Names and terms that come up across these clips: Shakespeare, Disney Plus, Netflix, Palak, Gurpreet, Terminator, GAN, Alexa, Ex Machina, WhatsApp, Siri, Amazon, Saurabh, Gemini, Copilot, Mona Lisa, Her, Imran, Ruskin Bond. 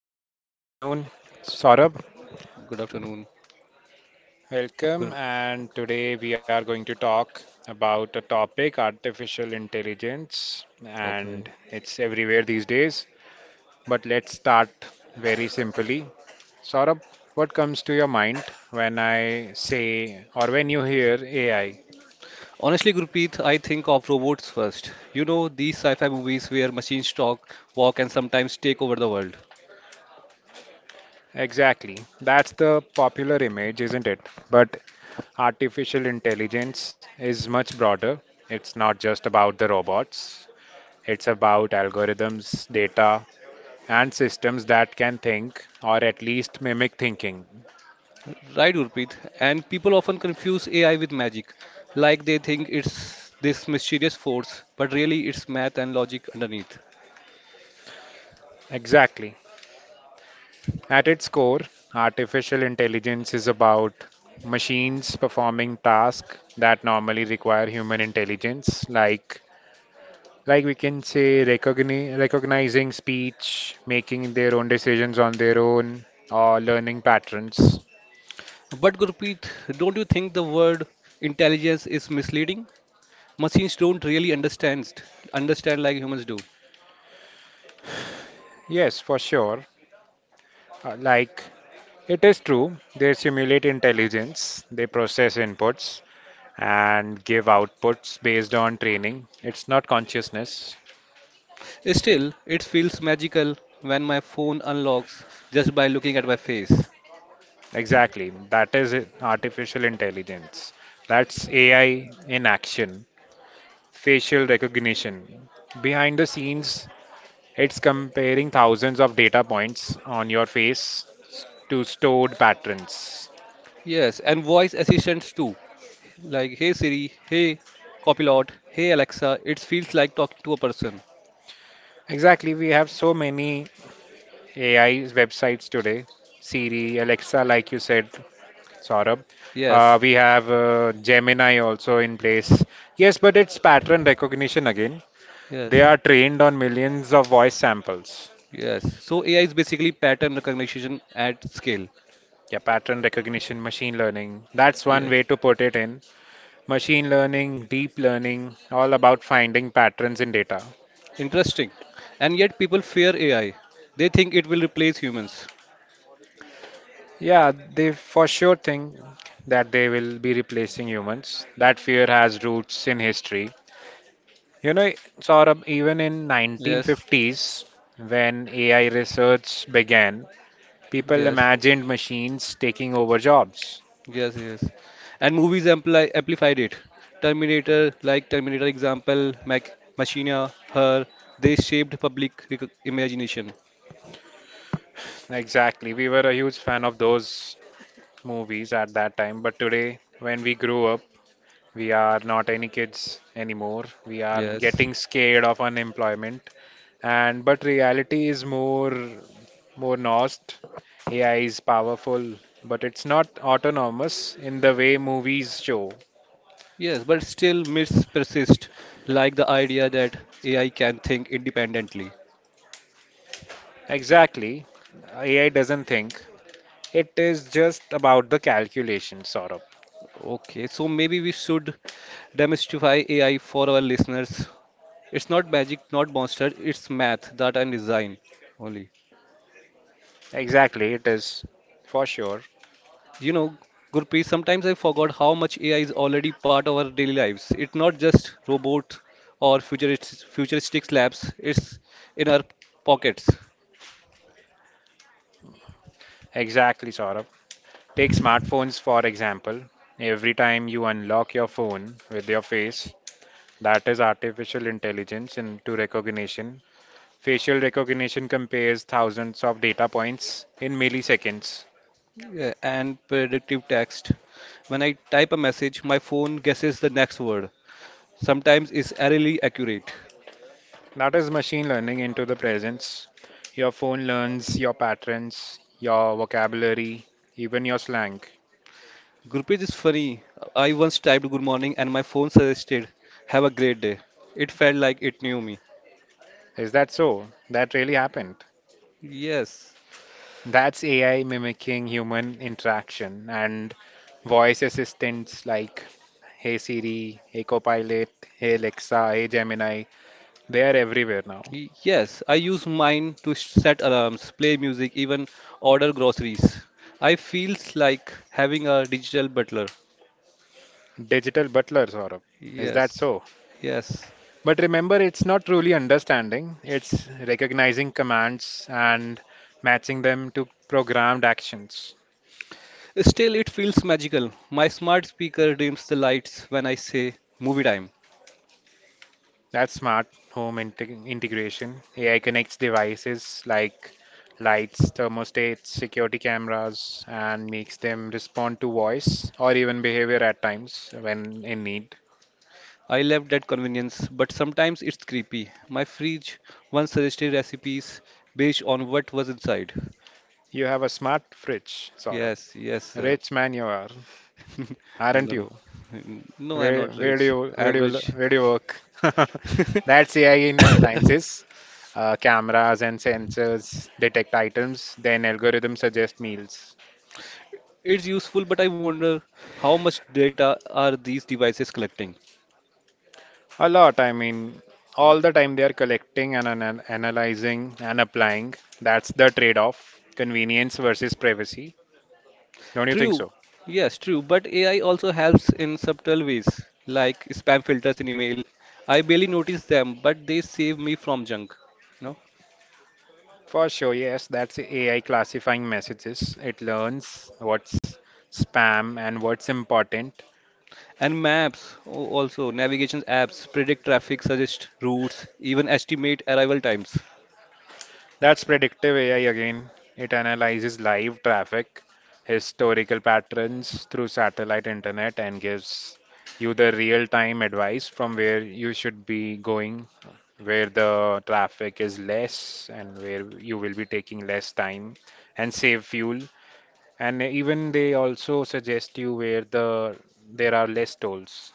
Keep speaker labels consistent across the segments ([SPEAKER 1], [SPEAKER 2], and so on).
[SPEAKER 1] afternoon, Saurabh.
[SPEAKER 2] Good afternoon. Good.
[SPEAKER 1] Welcome. And today we are going to talk about a topic artificial intelligence,
[SPEAKER 2] Okay.
[SPEAKER 1] and it's everywhere these days. But let's start very simply. Saurabh, what comes to your mind when I say or when you hear AI?
[SPEAKER 2] Honestly, Gurpreet, I think of robots first. You know, these sci-fi movies where machines talk, walk, and sometimes take over the world.
[SPEAKER 1] Exactly. That's the popular image, isn't it? But artificial intelligence is much broader. It's not just about the robots. It's about algorithms, data, and systems that can think, or at least mimic thinking.
[SPEAKER 2] Right, Gurpreet? And people often confuse AI with magic, like they think it's this mysterious force, but really it's math and logic underneath.
[SPEAKER 1] Exactly. At its core, artificial intelligence is about machines performing tasks that normally require human intelligence, like we can say recognizing speech, making their own decisions on their own, or learning patterns.
[SPEAKER 2] But Gurpreet, don't you think the word intelligence is misleading? Machines don't really understand like humans do.
[SPEAKER 1] Yes, for sure. Like it is true, they simulate intelligence, they process inputs, and give outputs based on training. It's not consciousness.
[SPEAKER 2] Still, it feels magical when my phone unlocks just by looking at my face.
[SPEAKER 1] Exactly. Artificial intelligence. That's AI in action. Facial recognition. Behind the scenes, it's comparing thousands of data points on your face to stored patterns.
[SPEAKER 2] Yes, and voice assistants too. Like, hey Siri, hey Copilot, hey Alexa. It feels like talking to a person.
[SPEAKER 1] Exactly. We have so many AI websites today. Siri, Alexa, like you said, Saurabh.
[SPEAKER 2] Yes,
[SPEAKER 1] We have Gemini also in place. Yes, but it's pattern recognition again. They
[SPEAKER 2] yes,
[SPEAKER 1] are trained on millions of voice samples.
[SPEAKER 2] yes. So AI is basically pattern recognition at scale.
[SPEAKER 1] Yeah, pattern recognition, machine learning. That's one way
[SPEAKER 2] Yes.
[SPEAKER 1] to put it in. Machine learning, deep learning, all about finding patterns in data.
[SPEAKER 2] Interesting. And yet people fear AI. They think it will replace humans.
[SPEAKER 1] Yeah, they for sure think that they will be replacing humans. That fear has roots in history. You know, Saurabh, even in
[SPEAKER 2] Yes,
[SPEAKER 1] 1950s, when AI research began, people
[SPEAKER 2] yes.
[SPEAKER 1] imagined machines taking over jobs.
[SPEAKER 2] Yes, yes. And movies amplified it. Terminator, like Terminator example, Mac Machina, Her, they shaped public rec imagination.
[SPEAKER 1] Exactly. We were a huge fan of those movies at that time. But today, when we grew up, we are not any kids anymore. We are
[SPEAKER 2] Yes.
[SPEAKER 1] getting scared of unemployment. And but reality is more nuanced. AI is powerful, but it's not autonomous in the way movies show.
[SPEAKER 2] Yes, but still myths persist, like the idea that AI can think independently.
[SPEAKER 1] Exactly. AI doesn't think. It is just about the calculation, sort.
[SPEAKER 2] Okay, so maybe we should demystify AI for our listeners. It's not magic, not monster, it's math, data, and design only.
[SPEAKER 1] Exactly, it is for sure.
[SPEAKER 2] You know, Gurpreet, sometimes I forgot how much AI is already part of our daily lives. It's not just robot or futuristic labs, it's in our pockets.
[SPEAKER 1] Exactly, Saurabh. Take smartphones for example. Every time you unlock your phone with your face, that is artificial intelligence into recognition. Facial recognition compares thousands of data points in milliseconds.
[SPEAKER 2] Yeah, and predictive text. When I type a message, my phone guesses the next word. Sometimes it's eerily accurate.
[SPEAKER 1] That is machine learning into the presence. Your phone learns your patterns, your vocabulary, even your slang.
[SPEAKER 2] Gurpreet is funny. I once typed good morning and my phone suggested have a great day. It felt like it knew me.
[SPEAKER 1] Is that so? That really happened.
[SPEAKER 2] Yes.
[SPEAKER 1] That's AI mimicking human interaction, and voice assistants like Hey Siri, Hey Copilot, Hey Alexa, Hey Gemini, they are everywhere now.
[SPEAKER 2] Yes, I use mine to set alarms, play music, even order groceries. I feels like having a digital butler.
[SPEAKER 1] Digital butlers, Saurabh. Is that
[SPEAKER 2] Yes,
[SPEAKER 1] so?
[SPEAKER 2] yes.
[SPEAKER 1] But remember, it's not truly understanding, it's recognizing commands and matching them to programmed actions.
[SPEAKER 2] Still, it feels magical. My smart speaker dims the lights when I say movie time.
[SPEAKER 1] That's smart home integration. AI connects devices like lights, thermostats, security cameras, and makes them respond to voice or even behavior at times when in need.
[SPEAKER 2] I love that convenience, but sometimes it's creepy. My fridge once suggested recipes based on what was inside.
[SPEAKER 1] You have a smart fridge, Saurabh.
[SPEAKER 2] Yes, yes, sir.
[SPEAKER 1] Rich man you are, aren't
[SPEAKER 2] No,
[SPEAKER 1] you?
[SPEAKER 2] no, I'm not rich.
[SPEAKER 1] Where
[SPEAKER 2] I'm
[SPEAKER 1] do you lo-
[SPEAKER 2] rich.
[SPEAKER 1] where do you work? That's AI in appliances. Cameras and sensors detect items, then algorithms suggest meals.
[SPEAKER 2] It's useful, but I wonder how much data are these devices collecting?
[SPEAKER 1] A lot, I mean, all the time they are collecting and analyzing and applying. That's the trade-off, convenience versus privacy. Don't you think
[SPEAKER 2] True,
[SPEAKER 1] so?
[SPEAKER 2] yes, true, but AI also helps in subtle ways, like spam filters in email. I barely notice them, but they save me from junk, you know.
[SPEAKER 1] For sure, yes, that's AI classifying messages. It learns what's spam and what's important.
[SPEAKER 2] And maps, also navigation apps, predict traffic, suggest routes, even estimate arrival times.
[SPEAKER 1] That's predictive AI again. It analyzes live traffic, historical patterns through satellite internet, and gives you the real-time advice from where you should be going, where the traffic is less, and where you will be taking less time and save fuel. And even they also suggest you where there are less tolls.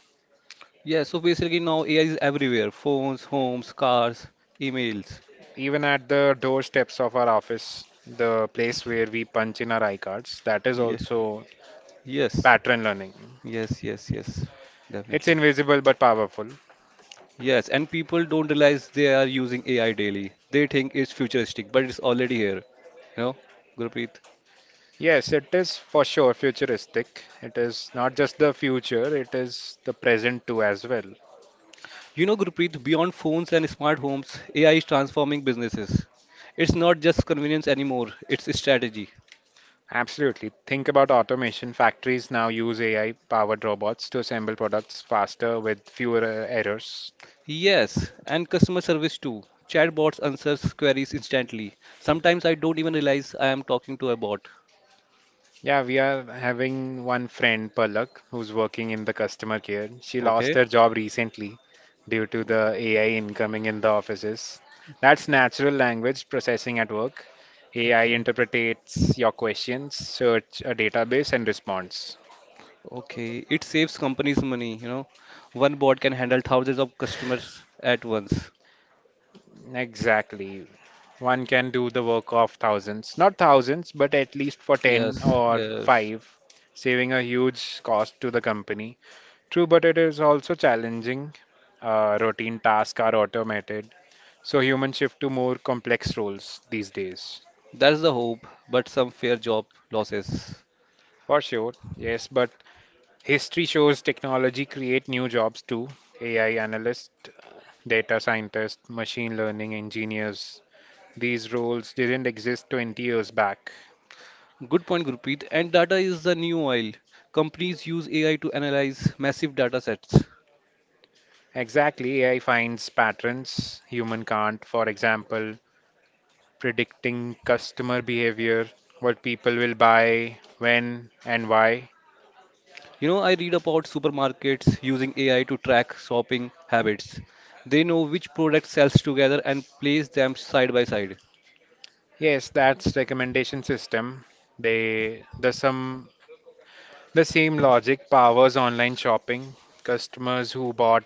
[SPEAKER 2] Yeah, so basically now AI is everywhere: phones, homes, cars, emails.
[SPEAKER 1] Even at the doorsteps of our office, the place where we punch in our iCards, that is
[SPEAKER 2] Yeah.
[SPEAKER 1] also
[SPEAKER 2] Yes.
[SPEAKER 1] pattern learning.
[SPEAKER 2] Yes, yes, yes.
[SPEAKER 1] It's
[SPEAKER 2] Definitely.
[SPEAKER 1] invisible but powerful.
[SPEAKER 2] Yes, and people don't realize they are using AI daily. They think it's futuristic, but it's already here. You know, Gurpreet.
[SPEAKER 1] Yes, it is for sure futuristic. It is not just the future, it is the present too as well.
[SPEAKER 2] You know, Gurpreet, beyond phones and smart homes, AI is transforming businesses. It's not just convenience anymore, it's a strategy.
[SPEAKER 1] Absolutely. Think about automation. Factories now use AI-powered robots to assemble products faster with fewer errors.
[SPEAKER 2] Yes, and customer service too. Chatbots answers queries instantly. Sometimes I don't even realize I am talking to a bot.
[SPEAKER 1] Yeah, we are having one friend, Palak, who's working in the customer care. She lost
[SPEAKER 2] Okay.
[SPEAKER 1] her job recently due to the AI incoming in the offices. That's natural language processing at work. AI
[SPEAKER 2] Okay.
[SPEAKER 1] interprets your questions, search a database, and responds.
[SPEAKER 2] Okay, it saves companies money. One bot can handle thousands of customers at once.
[SPEAKER 1] Exactly. One can do the work of thousands. Not thousands, but at least for 10
[SPEAKER 2] Yes,
[SPEAKER 1] or
[SPEAKER 2] yes.
[SPEAKER 1] 5, saving a huge cost to the company. True, but it is also challenging. Routine tasks are automated, so humans shift to more complex roles these days.
[SPEAKER 2] That's the hope, but some fair job losses.
[SPEAKER 1] For sure, yes, but history shows technology create new jobs too. AI analyst, data scientist, machine learning engineers. These roles didn't exist 20 years back.
[SPEAKER 2] Good point, Gurpreet. And data is the new oil. Companies use AI to analyze massive data sets.
[SPEAKER 1] Exactly, AI finds patterns human can't. For example, predicting customer behavior, what people will buy, when and why.
[SPEAKER 2] You know, I read about supermarkets using AI to track shopping habits. They know which product sells together and place them side by side.
[SPEAKER 1] Yes, that's recommendation system. They the some the same logic powers online shopping. Customers who bought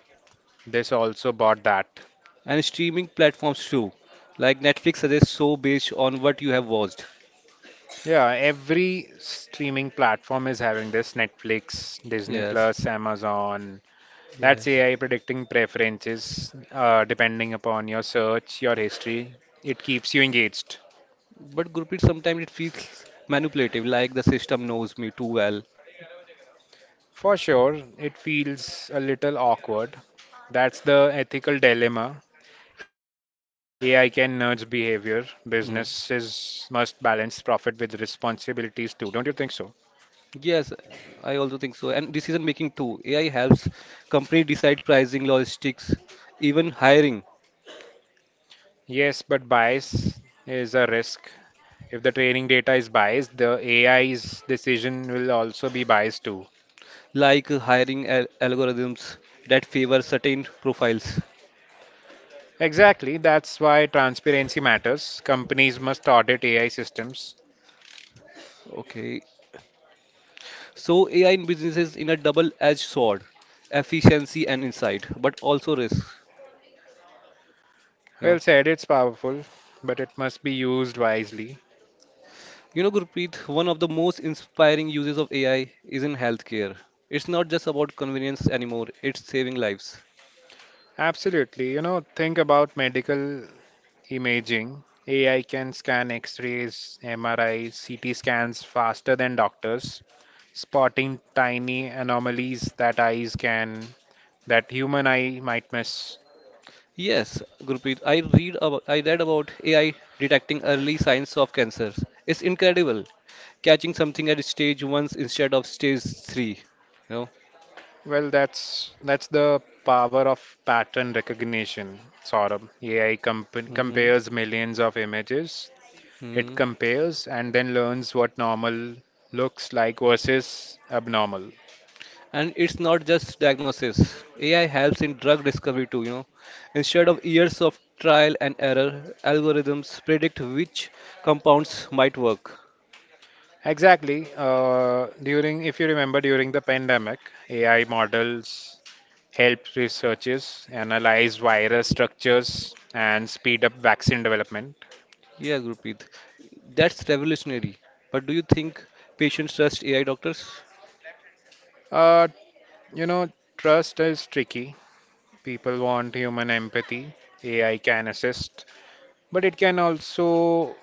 [SPEAKER 1] this also bought that.
[SPEAKER 2] And streaming platforms too, like Netflix suggests show based on what you have watched.
[SPEAKER 1] Yeah, every streaming platform is having this Netflix, Disney
[SPEAKER 2] Yes,
[SPEAKER 1] Plus, Amazon. That's
[SPEAKER 2] yes.
[SPEAKER 1] AI predicting preferences depending upon your search, your history. It keeps you engaged.
[SPEAKER 2] But Gurpreet, sometimes it feels manipulative, like the system knows me too well.
[SPEAKER 1] For sure, it feels a little awkward. That's the ethical dilemma. AI can nudge behavior.
[SPEAKER 2] Hmm.
[SPEAKER 1] Businesses must balance profit with responsibilities too. Don't you think so?
[SPEAKER 2] Yes, I also think so. And decision making too. AI helps company decide pricing, logistics, even hiring,
[SPEAKER 1] Yes, but bias is a risk. If the training data is biased, the AI's decision will also be biased too.
[SPEAKER 2] like hiring algorithms that favor certain profiles.
[SPEAKER 1] Exactly, that's why transparency matters. Companies must audit AI systems.
[SPEAKER 2] Okay. So AI in business is in a double-edged sword, efficiency and insight, but also risk.
[SPEAKER 1] Well said, it's powerful, but it must be used wisely.
[SPEAKER 2] You know, Gurpreet, one of the most inspiring uses of AI is in healthcare. It's not just about convenience anymore, it's saving lives.
[SPEAKER 1] Absolutely, you know, think about medical imaging. AI can scan x rays, MRI, CT scans faster than doctors, spotting tiny anomalies that human eye might miss.
[SPEAKER 2] Yes, Gurpreet, I read about AI detecting early signs of cancer. It's incredible, catching something at stage 1 instead of stage 3. You know?
[SPEAKER 1] Well, that's the power of pattern recognition, Saurabh. AI
[SPEAKER 2] Mhm.
[SPEAKER 1] compares millions of images. It
[SPEAKER 2] Mhm.
[SPEAKER 1] compares and then learns what normal looks like versus abnormal.
[SPEAKER 2] And it's not just diagnosis. AI helps in drug discovery too. Instead of years of trial and error, algorithms predict which compounds might work.
[SPEAKER 1] Exactly. During, if you remember, during the pandemic, AI models helped researchers analyze virus structures and speed up vaccine development.
[SPEAKER 2] Yeah, Gurpreet, that's revolutionary. But do you think patients trust AI doctors?
[SPEAKER 1] Uh, you know, trust is tricky. People want human empathy. AI can assist, but it can also,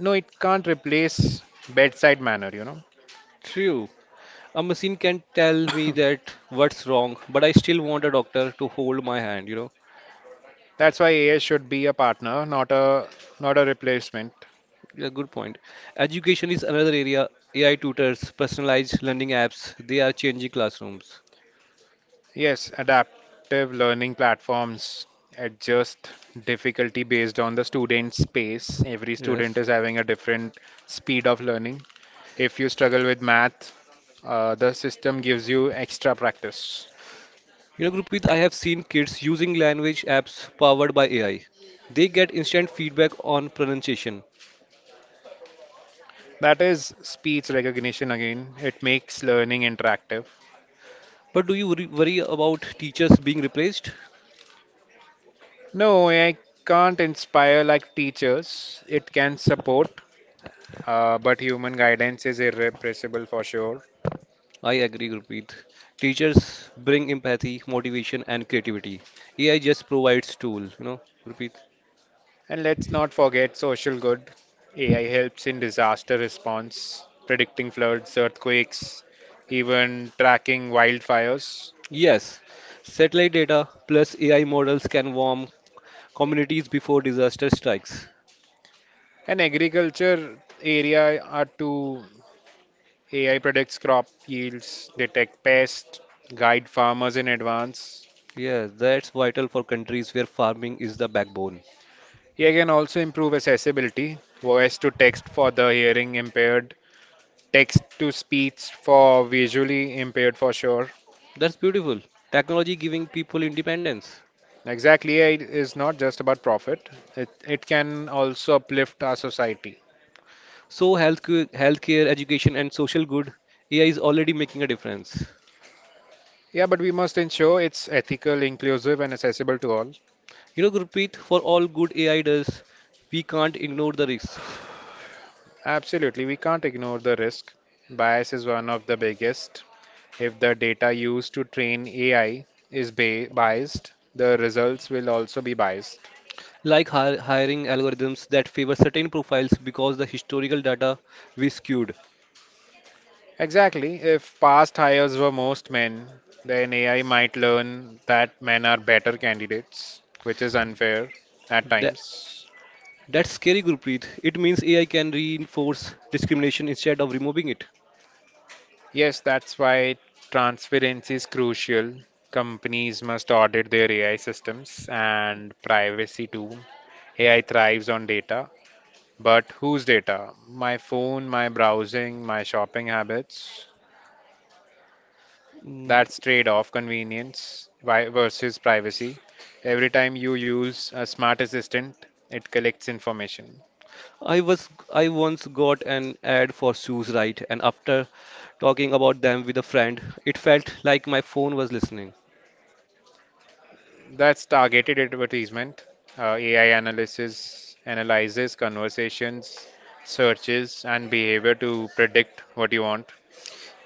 [SPEAKER 1] no, it can't replace bedside manner, you know.
[SPEAKER 2] True. A machine can tell me that what's wrong, but I still want a doctor to hold my hand.
[SPEAKER 1] That's why AI should be a partner, not a replacement.
[SPEAKER 2] Yeah, good point. Education is another area. AI tutors, personalized learning apps, they are changing classrooms.
[SPEAKER 1] Yes, adaptive learning platforms adjust difficulty based on the student's pace. Every student
[SPEAKER 2] Yes.
[SPEAKER 1] is having a different speed of learning. If you struggle with math, the system gives you extra practice.
[SPEAKER 2] You know, Gurpreet, I have seen kids using language apps powered by AI. They get instant feedback on pronunciation.
[SPEAKER 1] That is speech recognition again. It makes learning interactive.
[SPEAKER 2] But do you worry about teachers being replaced?
[SPEAKER 1] No, AI can't inspire like teachers. It can support, but human guidance is irrepressible for sure.
[SPEAKER 2] I agree, Gurpreet. Teachers bring empathy, motivation, and creativity. AI just provides tool, Gurpreet.
[SPEAKER 1] And let's not forget social good. AI helps in disaster response, predicting floods, earthquakes, even tracking wildfires.
[SPEAKER 2] Yes, satellite data plus AI models can warn communities before disaster strikes.
[SPEAKER 1] And agriculture area are two AI predicts crop yields, detect pests, guide farmers in advance.
[SPEAKER 2] Yes, that's vital for countries where farming is the backbone.
[SPEAKER 1] You can also improve accessibility, voice to text for the hearing impaired, text to speech for visually impaired for sure.
[SPEAKER 2] That's beautiful. Technology giving people independence.
[SPEAKER 1] Exactly, AI is not just about profit, it can also uplift our society.
[SPEAKER 2] So healthcare, education, and social good, AI is already making a difference.
[SPEAKER 1] Yeah, but we must ensure it's ethical, inclusive, and accessible to all.
[SPEAKER 2] You know, Gurpreet, for all good AI does, we can't ignore the risks,
[SPEAKER 1] Absolutely, we can't ignore the risk. Bias is one of the biggest. If the data used to train AI is biased, the results will also be biased.
[SPEAKER 2] like hiring algorithms that favor certain profiles because the historical data we skewed.
[SPEAKER 1] Exactly. If past hires were most men, then AI might learn that men are better candidates, which is unfair at
[SPEAKER 2] That,
[SPEAKER 1] times.
[SPEAKER 2] that's scary, Gurpreet. It means AI can reinforce discrimination instead of removing it.
[SPEAKER 1] Yes, that's why transparency is crucial. Companies must audit their AI systems and privacy too. AI thrives on data, but whose data? My phone, my browsing, my shopping habits.
[SPEAKER 2] Mm,
[SPEAKER 1] That's trade-off convenience versus privacy. Every time you use a smart assistant, it collects information.
[SPEAKER 2] I once got an ad for shoes right, and after talking about them with a friend, it felt like my phone was listening.
[SPEAKER 1] That's targeted advertisement. AI analysis analyzes conversations, searches, and behavior to predict what you want.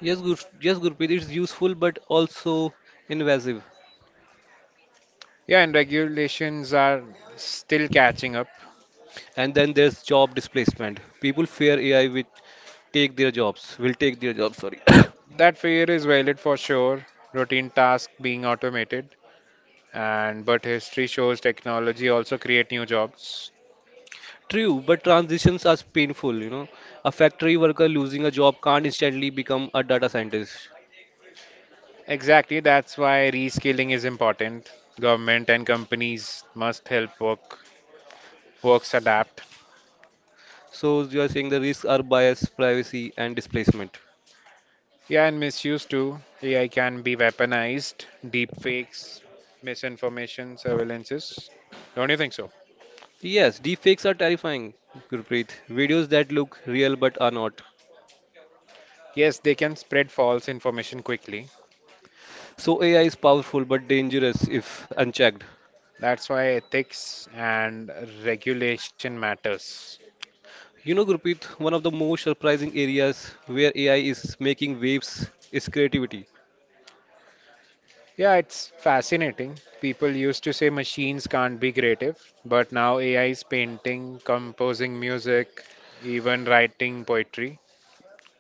[SPEAKER 2] Yes, yes, Gurpreet, it's useful but also invasive.
[SPEAKER 1] Yeah, and regulations are still catching up.
[SPEAKER 2] And then there's job displacement. People fear AI will will take their jobs, sorry.
[SPEAKER 1] That fear is valid for sure. Routine tasks being automated, and but history shows technology also create new jobs.
[SPEAKER 2] True, but transitions are painful, you know. A factory worker losing a job can't instantly become a data scientist.
[SPEAKER 1] Exactly, that's why reskilling is important. Government and companies must help work works adapt.
[SPEAKER 2] So you are saying the risks are bias, privacy, and displacement.
[SPEAKER 1] Yeah, and misuse too. AI can be weaponized, deepfakes, misinformation, surveillances. Don't you think so?
[SPEAKER 2] Yes, deepfakes are terrifying, Gurpreet. Videos that look real but are not.
[SPEAKER 1] Yes, they can spread false information quickly.
[SPEAKER 2] So AI is powerful but dangerous if unchecked.
[SPEAKER 1] That's why ethics and regulation matters.
[SPEAKER 2] You know, Gurpreet, one of the most surprising areas where AI is making waves is creativity.
[SPEAKER 1] Yeah, it's fascinating. People used to say machines can't be creative, but now AI is painting, composing music, even writing poetry.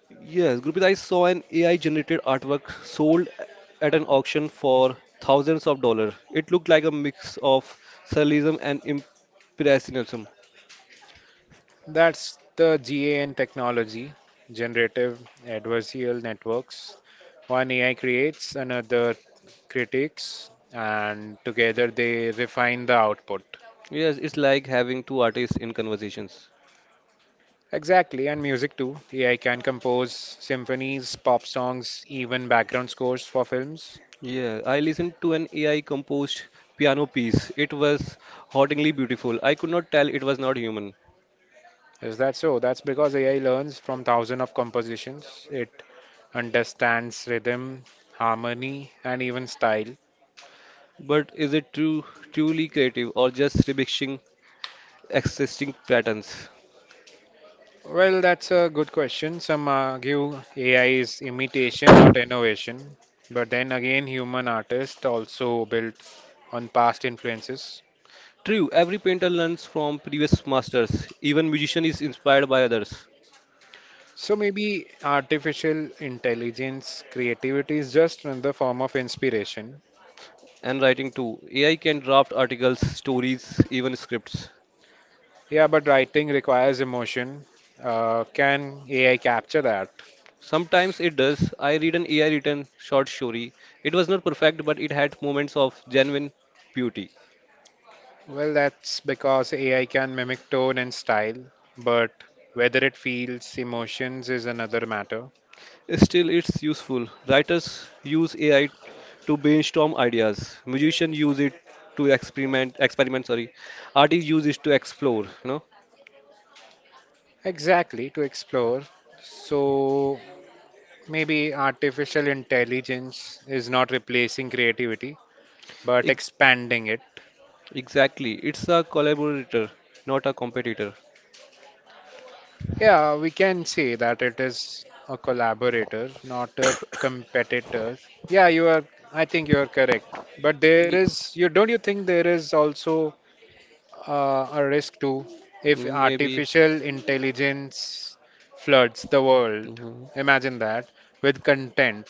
[SPEAKER 2] Yes, Gurpreet, I saw an AI-generated artwork sold at an auction for thousands of dollars. It looked like a mix of surrealism and impressionism.
[SPEAKER 1] That's the GAN technology, generative adversarial networks. One AI creates, another critiques, and together they refine the output.
[SPEAKER 2] Yes, it's like having two artists in conversations.
[SPEAKER 1] Exactly, and music too. AI can compose symphonies, pop songs, even background scores for films.
[SPEAKER 2] Yeah, I listened to an AI composed piano piece. It was hauntingly beautiful. I could not tell it was not human.
[SPEAKER 1] Is that so? That's because AI learns from thousands of compositions. It understands rhythm, harmony, and even style.
[SPEAKER 2] But is it true, truly creative or just remixing existing patterns.
[SPEAKER 1] Well, that's a good question. Some argue AI is imitation, not innovation. But then again, human artists also built on past influences.
[SPEAKER 2] True, every painter learns from previous masters. Even musician is inspired by others.
[SPEAKER 1] So maybe artificial intelligence creativity is just another form of inspiration.
[SPEAKER 2] And writing too. AI can draft articles, stories, even scripts.
[SPEAKER 1] Yeah, but writing requires emotion. Can AI capture that?
[SPEAKER 2] Sometimes it does. I read an AI written short story. It was not perfect, but it had moments of genuine beauty.
[SPEAKER 1] Well, that's because AI can mimic tone and style, but whether it feels emotions is another matter.
[SPEAKER 2] Still, it's useful. Writers use AI to brainstorm ideas. Musicians use it to experiment. Experiment, sorry. Artists use it to explore. You know,
[SPEAKER 1] Exactly, to explore. So maybe artificial intelligence is not replacing creativity, but
[SPEAKER 2] it
[SPEAKER 1] expanding it.
[SPEAKER 2] Exactly. It's a collaborator, not a competitor.
[SPEAKER 1] Yeah, we can say that it is a collaborator, not a competitor. Yeah, I think you are correct. But there
[SPEAKER 2] Y-
[SPEAKER 1] is, you don't you think there is also a risk too if
[SPEAKER 2] Maybe,
[SPEAKER 1] artificial intelligence floods the world.
[SPEAKER 2] mhm.
[SPEAKER 1] Imagine that with content.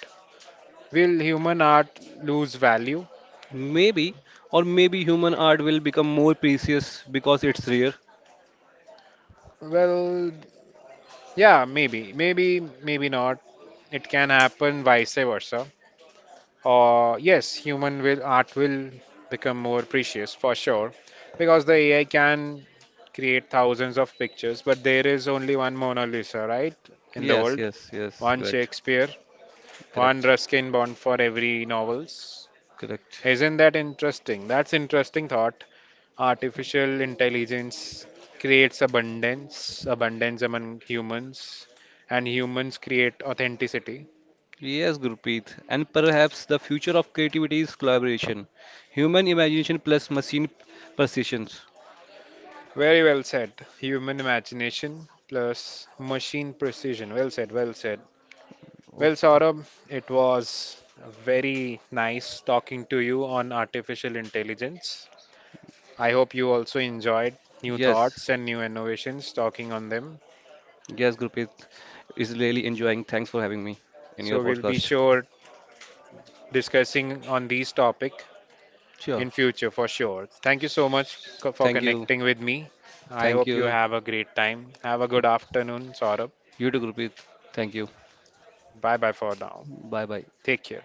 [SPEAKER 1] Will human art lose value?
[SPEAKER 2] Maybe, or maybe human art will become more precious because it's rare.
[SPEAKER 1] Well, yeah, maybe not. It can happen vice versa. Or yes, human will art will become more precious for sure because the AI can create thousands of pictures, but there is only one Mona Lisa, right, in the
[SPEAKER 2] Yes,
[SPEAKER 1] world,
[SPEAKER 2] yes, yes.
[SPEAKER 1] one
[SPEAKER 2] Correct.
[SPEAKER 1] Shakespeare. One
[SPEAKER 2] Correct.
[SPEAKER 1] Ruskin Bond for every novels.
[SPEAKER 2] Correct.
[SPEAKER 1] Isn't that interesting? That's interesting thought. Artificial intelligence creates abundance among humans, and humans create authenticity.
[SPEAKER 2] Yes, Gurpreet. And perhaps the future of creativity is collaboration, human imagination plus machine precision.
[SPEAKER 1] Very well said. Human imagination plus machine precision. Well said. Well,
[SPEAKER 2] Okay.
[SPEAKER 1] Saurabh, it was very nice talking to you on artificial intelligence. I hope you also enjoyed new
[SPEAKER 2] Yes.
[SPEAKER 1] thoughts and new innovations talking on them.
[SPEAKER 2] Yes, Gurpreet is really enjoying. Thanks for having me in your
[SPEAKER 1] So we'll be
[SPEAKER 2] podcast.
[SPEAKER 1] sure discussing on these topic
[SPEAKER 2] Sure.
[SPEAKER 1] in future for sure. Thank you so much for
[SPEAKER 2] Thank you.
[SPEAKER 1] connecting with me. I
[SPEAKER 2] Thank
[SPEAKER 1] hope you
[SPEAKER 2] you.
[SPEAKER 1] have a great time. Have a good afternoon, Saurabh.
[SPEAKER 2] You too, Gurpreet. Thank you.
[SPEAKER 1] Bye bye for now.
[SPEAKER 2] Bye bye.
[SPEAKER 1] Take care.